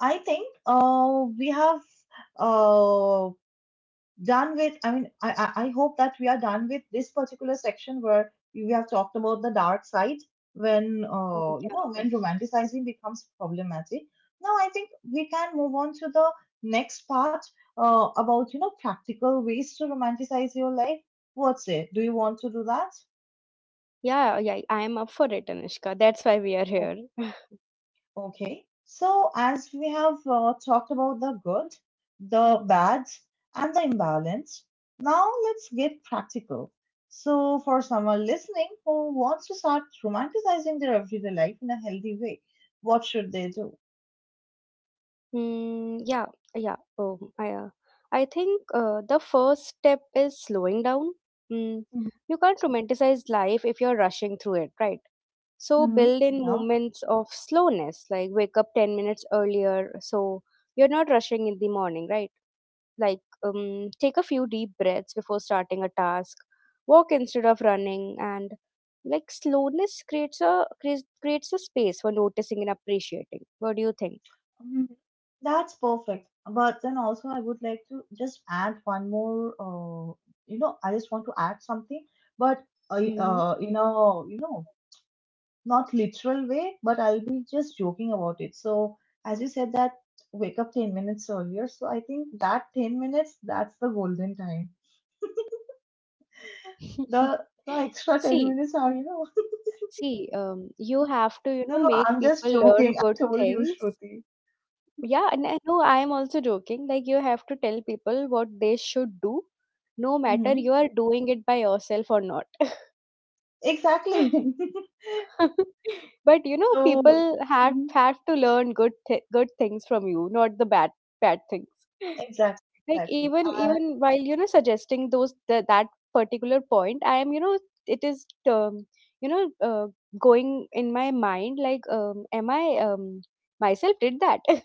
Speaker 2: I think we have uh, done with, I mean, I, I hope that we are done with this particular section where we have talked about the dark side, when
Speaker 1: Oh, yeah.
Speaker 2: when romanticizing becomes problematic. Now I think we can move on to the next part, about, you know, practical ways to romanticize your life. What's it, do you want to do that?
Speaker 1: Yeah, yeah, I am up for it, Anushka. That's why we are here. *laughs*
Speaker 2: Okay, so as we have talked about the good, the bad, and the imbalance, now let's get practical. So, for someone listening who wants to start romanticizing their everyday life in a healthy way, what should they do?
Speaker 1: Mm, yeah, yeah. I think the first step is slowing down. Mm, you can't romanticize life if you're rushing through it, right? So
Speaker 2: Mm-hmm.
Speaker 1: build in
Speaker 2: Yeah.
Speaker 1: moments of slowness, like wake up 10 minutes earlier, so you're not rushing in the morning, right? Like, take a few deep breaths before starting a task, walk instead of running, and like slowness creates a space for noticing and appreciating. What do you think?
Speaker 2: Mhm. That's perfect. But then also, I would like to just add one more. You know, I just want to add something. But
Speaker 1: Mm-hmm.
Speaker 2: you know, not literal way, but I'll be just joking about it. So as you said that, wake up 10 minutes earlier. So I think that 10 minutes, that's the golden time.
Speaker 1: *laughs*
Speaker 2: The the extra 10
Speaker 1: See,
Speaker 2: minutes are, you know. *laughs*
Speaker 1: See, you have to, you know,
Speaker 2: No, no,
Speaker 1: make
Speaker 2: I'm
Speaker 1: people
Speaker 2: just
Speaker 1: learn
Speaker 2: joking.
Speaker 1: good
Speaker 2: I told you,
Speaker 1: things.
Speaker 2: Shruti.
Speaker 1: Yeah, and I know I am also joking. Like you have to tell people what they should do, no matter you
Speaker 2: Hmm.
Speaker 1: are doing it by yourself or not.
Speaker 2: Exactly.
Speaker 1: *laughs* But you
Speaker 2: *laughs*
Speaker 1: know
Speaker 2: So,
Speaker 1: people
Speaker 2: mhm,
Speaker 1: have to learn good things from you, not the bad things.
Speaker 2: exactly,
Speaker 1: Like
Speaker 2: exactly.
Speaker 1: even while, you know, suggesting that particular point, I am, you know, it is, you know uh, going in my mind like, am I myself did that? *laughs*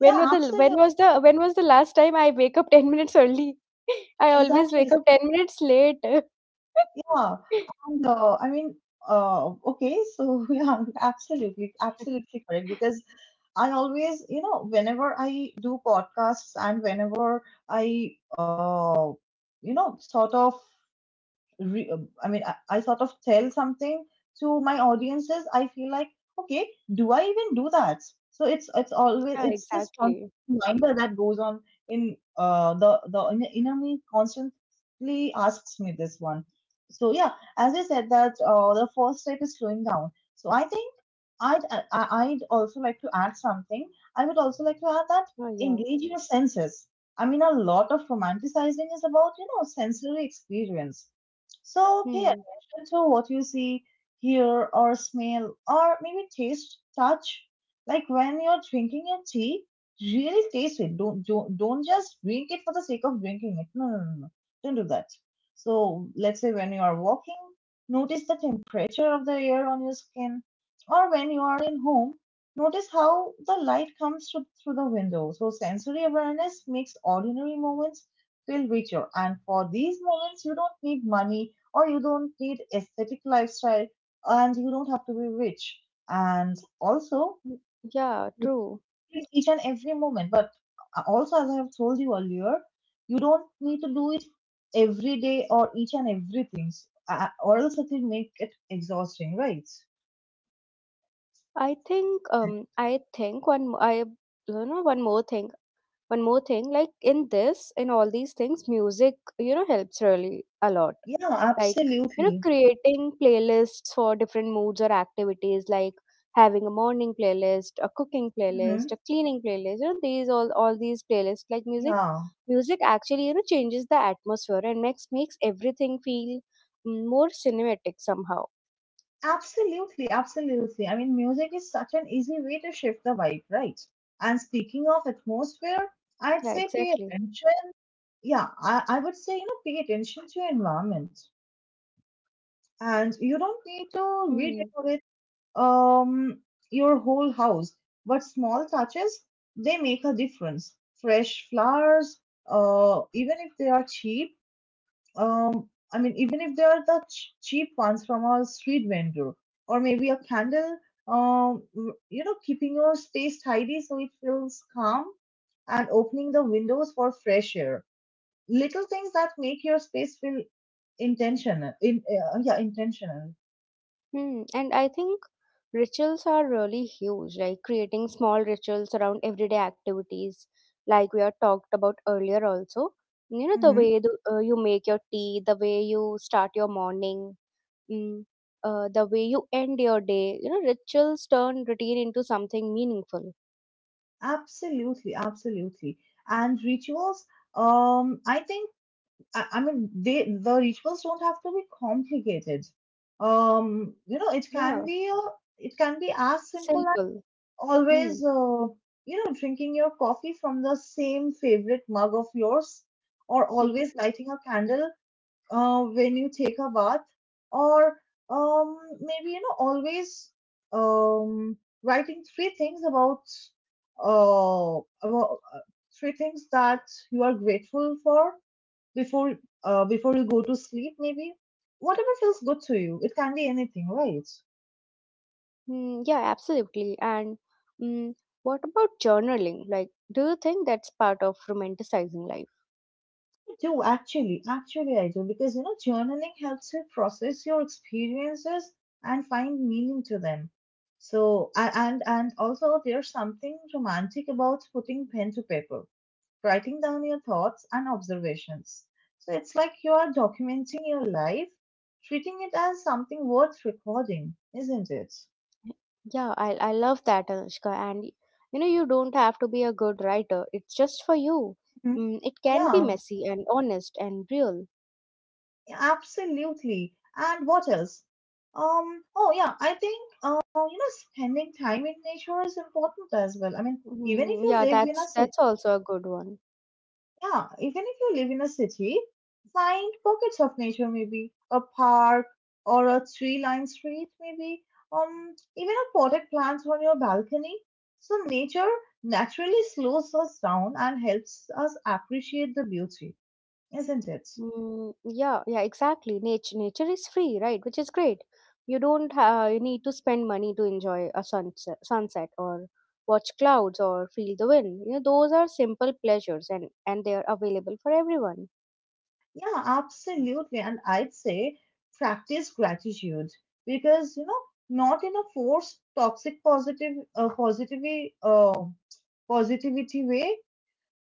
Speaker 2: Yeah, absolutely.
Speaker 1: When was the last time I wake up *laughs* 10 minutes early? *laughs* I always
Speaker 2: Exactly.
Speaker 1: wake up 10 minutes late. *laughs*
Speaker 2: Yeah, and I mean, okay, so *laughs* yeah, absolutely, absolutely correct. Because I always, you know, whenever I do podcasts and whenever I, uh, you know, sort of I mean, I sort of tell something to my audiences. I feel like, okay, do I even do that? So it's always,
Speaker 1: Yeah,
Speaker 2: it's this constant
Speaker 1: exactly.
Speaker 2: reminder that goes on in the, the inner me constantly asks me this one. So yeah, as I said that, the first step is slowing down. So I think I'd I'd also like to add something. I would also like to add that,
Speaker 1: Oh, yeah.
Speaker 2: engage your senses. I mean, a lot of romanticizing is about, you know, sensory experience. So pay
Speaker 1: Hmm.
Speaker 2: attention to what you see, hear, or smell, or maybe taste, touch. Like when you're drinking your tea, really taste it. Don't just drink it for the sake of drinking it. No, no, no, no. Don't do that. So let's say when you are walking, notice the temperature of the air on your skin, or when you are in home, notice how the light comes through the window. So sensory awareness makes ordinary moments feel richer. And for these moments, you don't need money, or you don't need aesthetic lifestyle, and you don't have to be rich, and also
Speaker 1: Mm, yeah,
Speaker 2: you
Speaker 1: true.
Speaker 2: feel each and every moment. But also, as I have told you earlier, you don't need to do it every day or each and everything, or else it will make it exhausting, right?
Speaker 1: I think one mo- I you know, one more thing. One more thing, like in this, in all these things, music, you know, helps really a lot.
Speaker 2: Yeah,
Speaker 1: Like you know,
Speaker 2: absolutely.
Speaker 1: creating playlists for different moods or activities, like having a morning playlist, a cooking playlist,
Speaker 2: Hmm.
Speaker 1: a cleaning playlist, you know, these all these playlists. Like
Speaker 2: Yeah,
Speaker 1: music actually, you know, changes the atmosphere and makes everything feel, mm, more cinematic somehow.
Speaker 2: absolutely, absolutely. I mean, music is such an easy way to shift the vibe, right? And speaking of atmosphere, I'd
Speaker 1: Yeah,
Speaker 2: say pay
Speaker 1: exactly.
Speaker 2: attention. I would say, you know, pay attention to your environment. And you don't need to
Speaker 1: Hmm.
Speaker 2: redecorate um your whole house, but small touches, they make a difference. Fresh flowers, even if they are cheap, I mean, even if they are the cheap ones from a street vendor, or maybe a candle, um, you know, keeping your space tidy so it feels calm, and opening the windows for fresh air. Little things that make your space feel intentional in, yeah, intentional.
Speaker 1: Hmm. And I think rituals are really huge, like creating small rituals around everyday activities, like we are talked about earlier also. You know, the
Speaker 2: Mm-hmm.
Speaker 1: way you make your tea, the way you start your morning, mm, the way you end your day. You know, rituals turn routine into something meaningful.
Speaker 2: Absolutely, absolutely. And rituals, I think, I mean, the rituals don't have to be complicated. You know, it can
Speaker 1: Yeah,
Speaker 2: be it can be as simple as
Speaker 1: simple.
Speaker 2: always
Speaker 1: Hmm.
Speaker 2: you know, drinking your coffee from the same favorite mug of yours, or always
Speaker 1: *laughs*
Speaker 2: lighting a candle when you take a bath, or maybe, you know, always um, writing three things about uh, about three things that you are grateful for before before you go to sleep maybe. Whatever feels good to you, it can be anything, right?
Speaker 1: Hmm. Yeah, absolutely. And mm, what about journaling? Like, do you think that's part of romanticizing life?
Speaker 2: I do, actually. Actually, I do, because you know, journaling helps you process your experiences and find meaning to them. So and also there's something romantic about putting pen to paper, writing down your thoughts and observations. So it's like you are documenting your life, treating it as something worth recording, isn't it?
Speaker 1: Yeah, I love that, Anushka. And you know, you don't have to be a good writer, it's just for you.
Speaker 2: Mhm.
Speaker 1: Mm, it can be
Speaker 2: Yeah.
Speaker 1: messy and honest and real.
Speaker 2: Absolutely. And what else? Oh yeah, I think uh, you know, spending time in nature is important as well. I mean, even if
Speaker 1: Mm,
Speaker 2: you
Speaker 1: yeah,
Speaker 2: live in a
Speaker 1: that's
Speaker 2: city,
Speaker 1: that's also a good one.
Speaker 2: yeah, even if you live in a city, find pockets of nature, maybe a park or a tree-lined street, maybe even a potted plant on your balcony. So nature naturally slows us down and helps us appreciate the beauty, isn't it?
Speaker 1: Mm, yeah, yeah, exactly. Nature is free, right? Which is great. You don't you need to spend money to enjoy a sunset, or watch clouds, or feel the wind. You know, those are simple pleasures, and they are available for everyone.
Speaker 2: Yeah, absolutely. And I'd say, practice gratitude, because you know, not in a forced toxic positive positivity positivity way,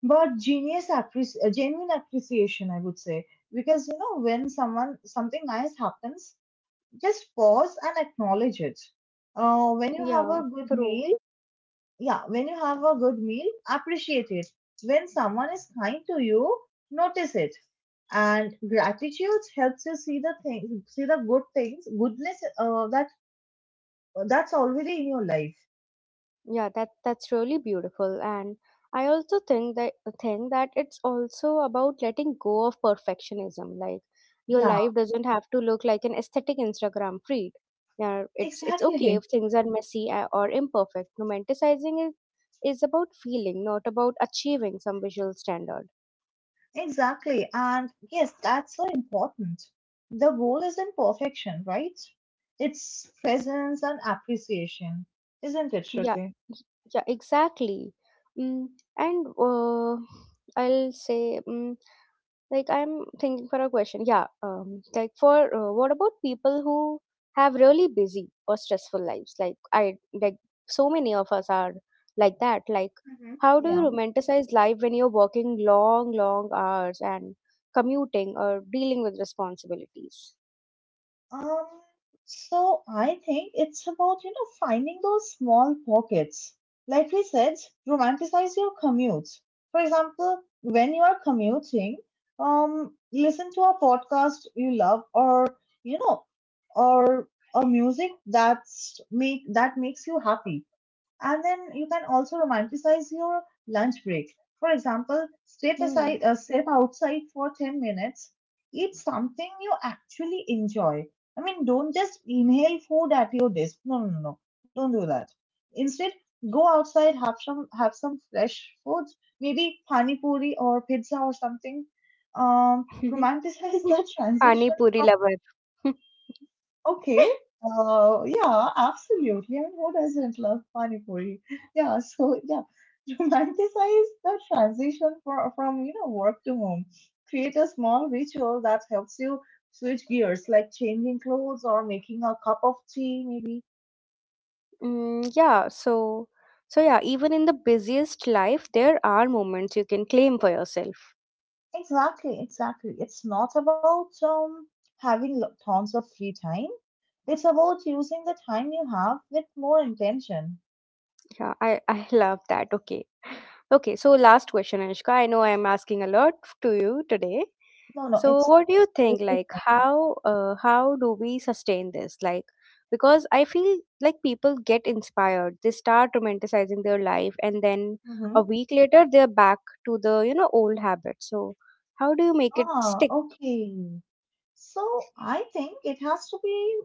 Speaker 2: but genuine appreciation, I would say. Because you know, when someone something nice happens, just pause and acknowledge it. When you have
Speaker 1: Yeah,
Speaker 2: a good
Speaker 1: true.
Speaker 2: meal, yeah, when you have a good meal, appreciate it. When someone is kind to you, notice it. And gratitude helps you see the good things, goodness, that's already in your life.
Speaker 1: Yeah, that that's really beautiful. And I also think that it's also about letting go of perfectionism. Like your
Speaker 2: Yeah,
Speaker 1: life doesn't have to look like an aesthetic Instagram feed. Yeah, it's okay
Speaker 2: exactly,
Speaker 1: if things are messy, or imperfect. Romanticizing is about feeling, not about achieving some visual standard.
Speaker 2: exactly. And yes, that's so important. The goal isn't perfection, right? It's presence and appreciation, isn't it,
Speaker 1: Yeah,
Speaker 2: Shruti?
Speaker 1: y- yeah, exactly. Mm, and I'll say, mm, like I'm thinking for a question, yeah. Um, like for, what about people who have really busy or stressful lives? Like I like so many of us are like that. Like
Speaker 2: Hmm.
Speaker 1: how do you
Speaker 2: Yeah.
Speaker 1: romanticize life when you're working long hours and commuting or dealing with responsibilities?
Speaker 2: Um, so I think it's about, you know, finding those small pockets. Like we said, romanticize your commute. For example, when you are commuting, listen to a podcast you love, or, you know, or a music that's make that makes you happy. And then you can also romanticize your lunch break. For example, step
Speaker 1: Hmm.
Speaker 2: aside, step outside for 10 minutes, eat something you actually enjoy. I mean, don't just inhale food at your desk. No, no, no, no. Don't do that. Instead, go outside, have some fresh foods, maybe pani puri or pizza or something. Romanticize the *laughs*
Speaker 1: *laughs* Pani
Speaker 2: transition.
Speaker 1: puri lover. *laughs*
Speaker 2: Okay. Yeah, absolutely. I mean, who doesn't love pani puri? Yeah, so yeah, *laughs* romanticize the transition for, from, you know, work to home. Create a small ritual that helps you switch gears, like changing clothes or making a cup of tea, maybe.
Speaker 1: Mm, yeah, so yeah, even in the busiest life, there are moments you can claim for yourself.
Speaker 2: Exactly, exactly. It's not about having tons of free time. It's about using the time you have with more intention.
Speaker 1: Yeah, I love that. Okay. Okay, so last question, Anushka. I know I am asking a lot to you today.
Speaker 2: No, no,
Speaker 1: So,
Speaker 2: it's.
Speaker 1: what do you think? Like,
Speaker 2: *laughs*
Speaker 1: how do we sustain this? Like, because I feel like people get inspired, they start romanticizing their life, and then a
Speaker 2: Mhm.
Speaker 1: week later they're back to the, you know, old habits. So, how do you make it
Speaker 2: Ah,
Speaker 1: stick?
Speaker 2: okay. So I think it has to be,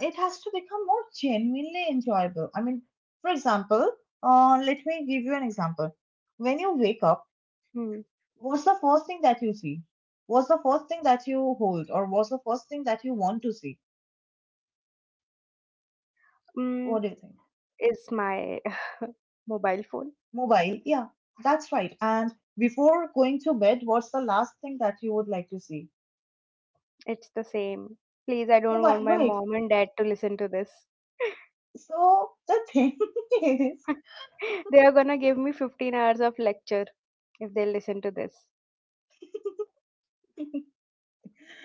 Speaker 2: it has to become more genuinely enjoyable. I mean, for example, let me give you an example. When you wake up,
Speaker 1: Hmm.
Speaker 2: what's the first thing that you see? What's the first thing that you hold, or what's the first thing that you want to see?
Speaker 1: Mm,
Speaker 2: What do you think?
Speaker 1: is my *laughs* mobile phone?
Speaker 2: Mobile, yeah, that's right. And before going to bed, what's the last thing that you would like to see?
Speaker 1: It's the same. Please, I don't want
Speaker 2: Mobile,
Speaker 1: my
Speaker 2: right.
Speaker 1: mom and dad to listen to this.
Speaker 2: So the thing *laughs* is,
Speaker 1: *laughs* They are gonna give me 15 hours of lecture if they listen to this.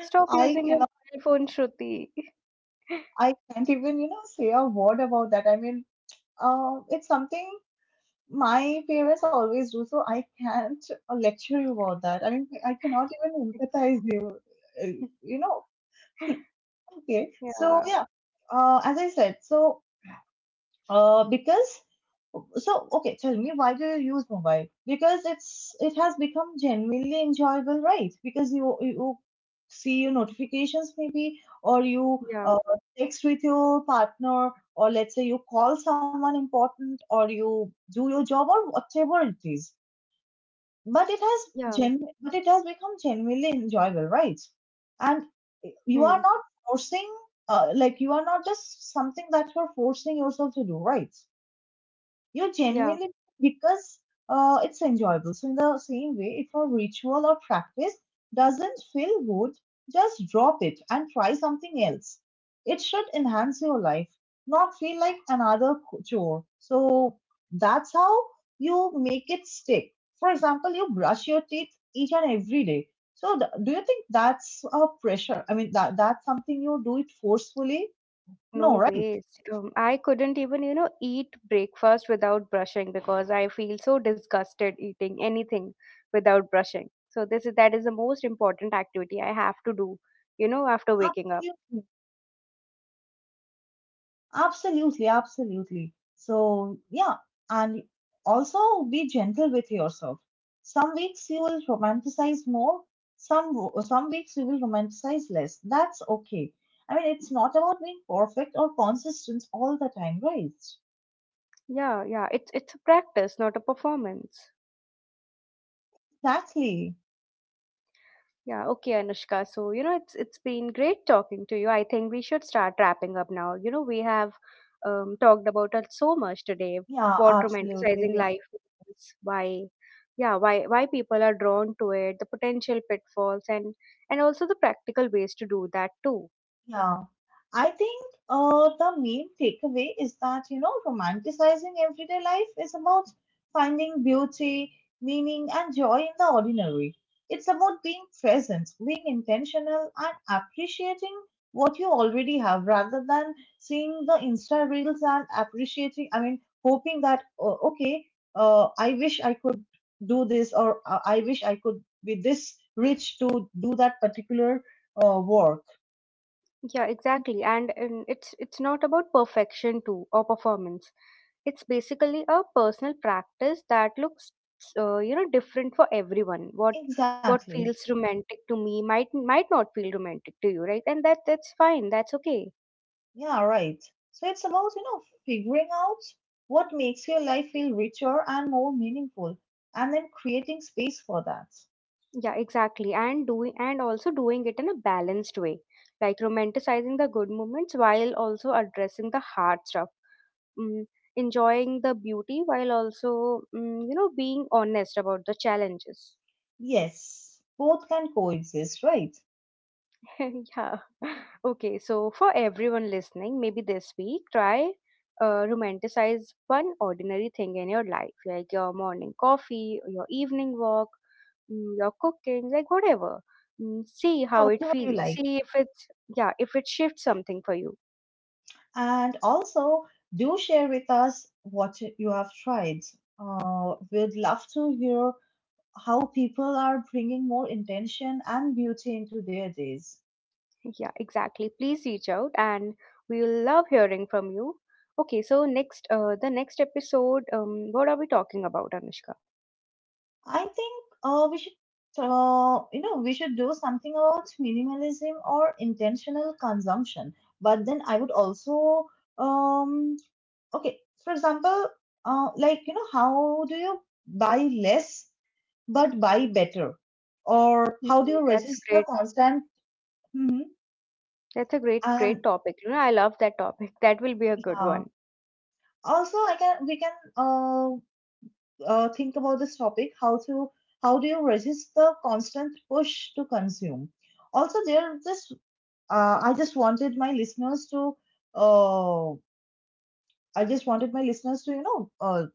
Speaker 1: Stop
Speaker 2: I
Speaker 1: using your
Speaker 2: cannot,
Speaker 1: mobile phone, Shruti.
Speaker 2: I can't even, you know, say a word about that. I mean, it's something my parents always do, so I can't lecture you about that. I mean, I cannot even empathize you, uh,
Speaker 1: *laughs*
Speaker 2: you know. Okay, so
Speaker 1: Yeah,
Speaker 2: yeah, as I said, uh, because okay, tell me, why do you use mobile? Because it has become genuinely enjoyable, right? Because you see your notifications maybe, or you
Speaker 1: yeah,
Speaker 2: text with your partner, or let's say you call someone important, or you do your job, or whatever it is. But it has
Speaker 1: yeah,
Speaker 2: gen but it has become genuinely enjoyable, right? And you are
Speaker 1: hmm,
Speaker 2: not forcing, like you are not just something that you're forcing yourself to do, right? You
Speaker 1: yeah.
Speaker 2: genuinely because it's enjoyable. So in the same way, if a ritual or practice doesn't feel good, just drop it and try something else. It should enhance your life, not feel like another chore. So that's how you make it stick. For example, you brush your teeth each and every day. So do you think that's a pressure? I mean, that's something you do it forcefully? No,
Speaker 1: No
Speaker 2: right?
Speaker 1: ways. I couldn't even, you know, eat breakfast without brushing because I feel so disgusted eating anything without brushing. So this is that is the most important activity I have to do, you know, after waking up.
Speaker 2: Absolutely. Absolutely, absolutely. So, yeah, and also be gentle with yourself. Some weeks you will romanticize more, some weeks you will romanticize less. That's okay. I mean, it's not about being perfect or consistent all the time, right?
Speaker 1: Yeah, yeah. It's a practice, not a performance.
Speaker 2: Exactly.
Speaker 1: Yeah, okay, Anushka. So, you know, it's been great talking to you. I think we should start wrapping up now. You know, we have, talked about it so much today.
Speaker 2: Yeah,
Speaker 1: What romanticizing
Speaker 2: absolutely.
Speaker 1: life is, yeah, why people are drawn to it, the potential pitfalls, and also the practical ways to do that too.
Speaker 2: Yeah, I think the main takeaway is that, you know, romanticizing everyday life is about finding beauty, meaning, and joy in the ordinary. It's about being present, being intentional, and appreciating what you already have, rather than seeing the Insta reels and appreciating, I mean, hoping that, oh, okay, I wish I could do this, or I wish I could be this rich to do that particular work.
Speaker 1: Yeah, exactly. And it's not about perfection too, or performance. It's basically a personal practice that looks, you know, different for everyone. What
Speaker 2: Exactly.
Speaker 1: feels romantic to me might not feel romantic to you, right? And that's fine. That's okay.
Speaker 2: Yeah, right. So it's about, you know, figuring out what makes your life feel richer and more meaningful, and then creating space for that.
Speaker 1: Yeah, exactly. And doing and also doing it in a balanced way, like romanticizing the good moments while also addressing the hard stuff. Mm, enjoying the beauty while also, mm, you know, being honest about the challenges.
Speaker 2: Yes, both can coexist, right?
Speaker 1: *laughs* Yeah. *laughs* Okay. So, for everyone listening, maybe this week, try, romanticize one ordinary thing in your life, like your morning coffee, your evening walk, mm, your cooking, like whatever. Mm, see
Speaker 2: Yeah,
Speaker 1: how it
Speaker 2: whatever you
Speaker 1: feels.
Speaker 2: like.
Speaker 1: See if it's, yeah, if it shifts something for you.
Speaker 2: And also, do share with us what you have tried. We'd love to hear how people are bringing more intention and beauty into their days.
Speaker 1: Yeah, exactly. Please reach out, and we'll love hearing from you. Okay, so next, the next episode, what are we talking about, Anushka?
Speaker 2: I think you know, we should do something about minimalism or intentional consumption. But then I would also, um, okay, for example, like, you know, how do you buy less but buy better? Or
Speaker 1: Mm,
Speaker 2: how do you
Speaker 1: that's a
Speaker 2: resist the
Speaker 1: great
Speaker 2: constant, hmm,
Speaker 1: That's a great, great
Speaker 2: and
Speaker 1: topic. You know, I love that topic. *laughs* That will be a good
Speaker 2: yeah.
Speaker 1: one.
Speaker 2: Also, I can we can think about this topic, how to, how do you resist the constant push to consume? Also there this, I just wanted my listeners to uh, I just wanted my listeners to, you know,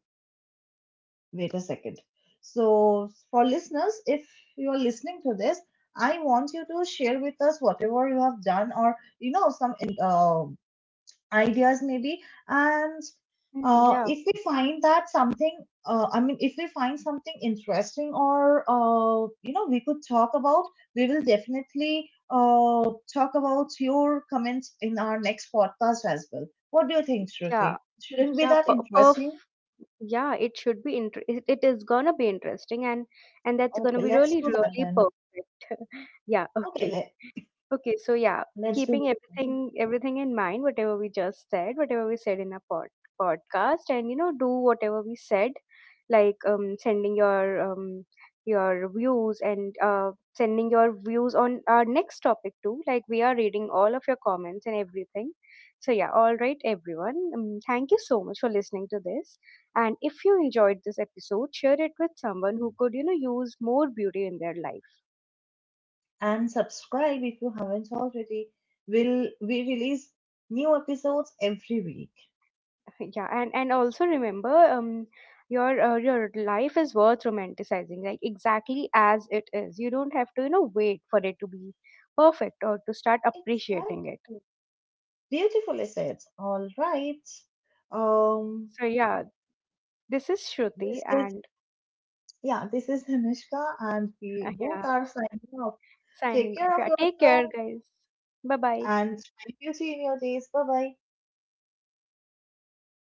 Speaker 2: wait a second. So for listeners, if you are listening to this, I want you to share with us whatever you have done, or you know, some ideas maybe. And
Speaker 1: Mm, yeah,
Speaker 2: if we find that something, I mean, if we find something interesting, or you know, we could talk about, we will definitely talk about your comments in our next podcast as well. What do you think, Shruti?
Speaker 1: yeah,
Speaker 2: Shouldn't be
Speaker 1: yeah.
Speaker 2: that
Speaker 1: Perf.
Speaker 2: interesting?
Speaker 1: Yeah, it should be. It is gonna be interesting, and that's gonna
Speaker 2: Okay,
Speaker 1: be
Speaker 2: let's
Speaker 1: really,
Speaker 2: do that
Speaker 1: really
Speaker 2: then.
Speaker 1: perfect. *laughs* Yeah.
Speaker 2: okay
Speaker 1: Okay.
Speaker 2: let,
Speaker 1: Okay, so yeah,
Speaker 2: let's do
Speaker 1: keeping everything in mind, whatever we just said, whatever we said in our podcast, and you know, do whatever we said, like sending your views and sending your views on our next topic too. Like we are reading all of your comments and everything. So yeah, all right, everyone. Thank you so much for listening to this. And if you enjoyed this episode, share it with someone who could, you know, use more beauty in their life.
Speaker 2: that. And subscribe if you haven't already. We release new episodes every week.
Speaker 1: Yeah, and also remember, your life is worth romanticizing, like exactly as it is. You don't have to, you know, wait for it to be perfect or to start appreciating it.
Speaker 2: Exactly. Beautifully said. All right. Um,
Speaker 1: So yeah, this is Shruti,
Speaker 2: this is,
Speaker 1: and
Speaker 2: yeah, this is *laughs* Anushka, and we both
Speaker 1: yeah,
Speaker 2: are signing off. Take
Speaker 1: signing off.
Speaker 2: care of
Speaker 1: Yeah, take care,
Speaker 2: yourself
Speaker 1: guys. Bye bye.
Speaker 2: and find beauty in your days. Bye bye.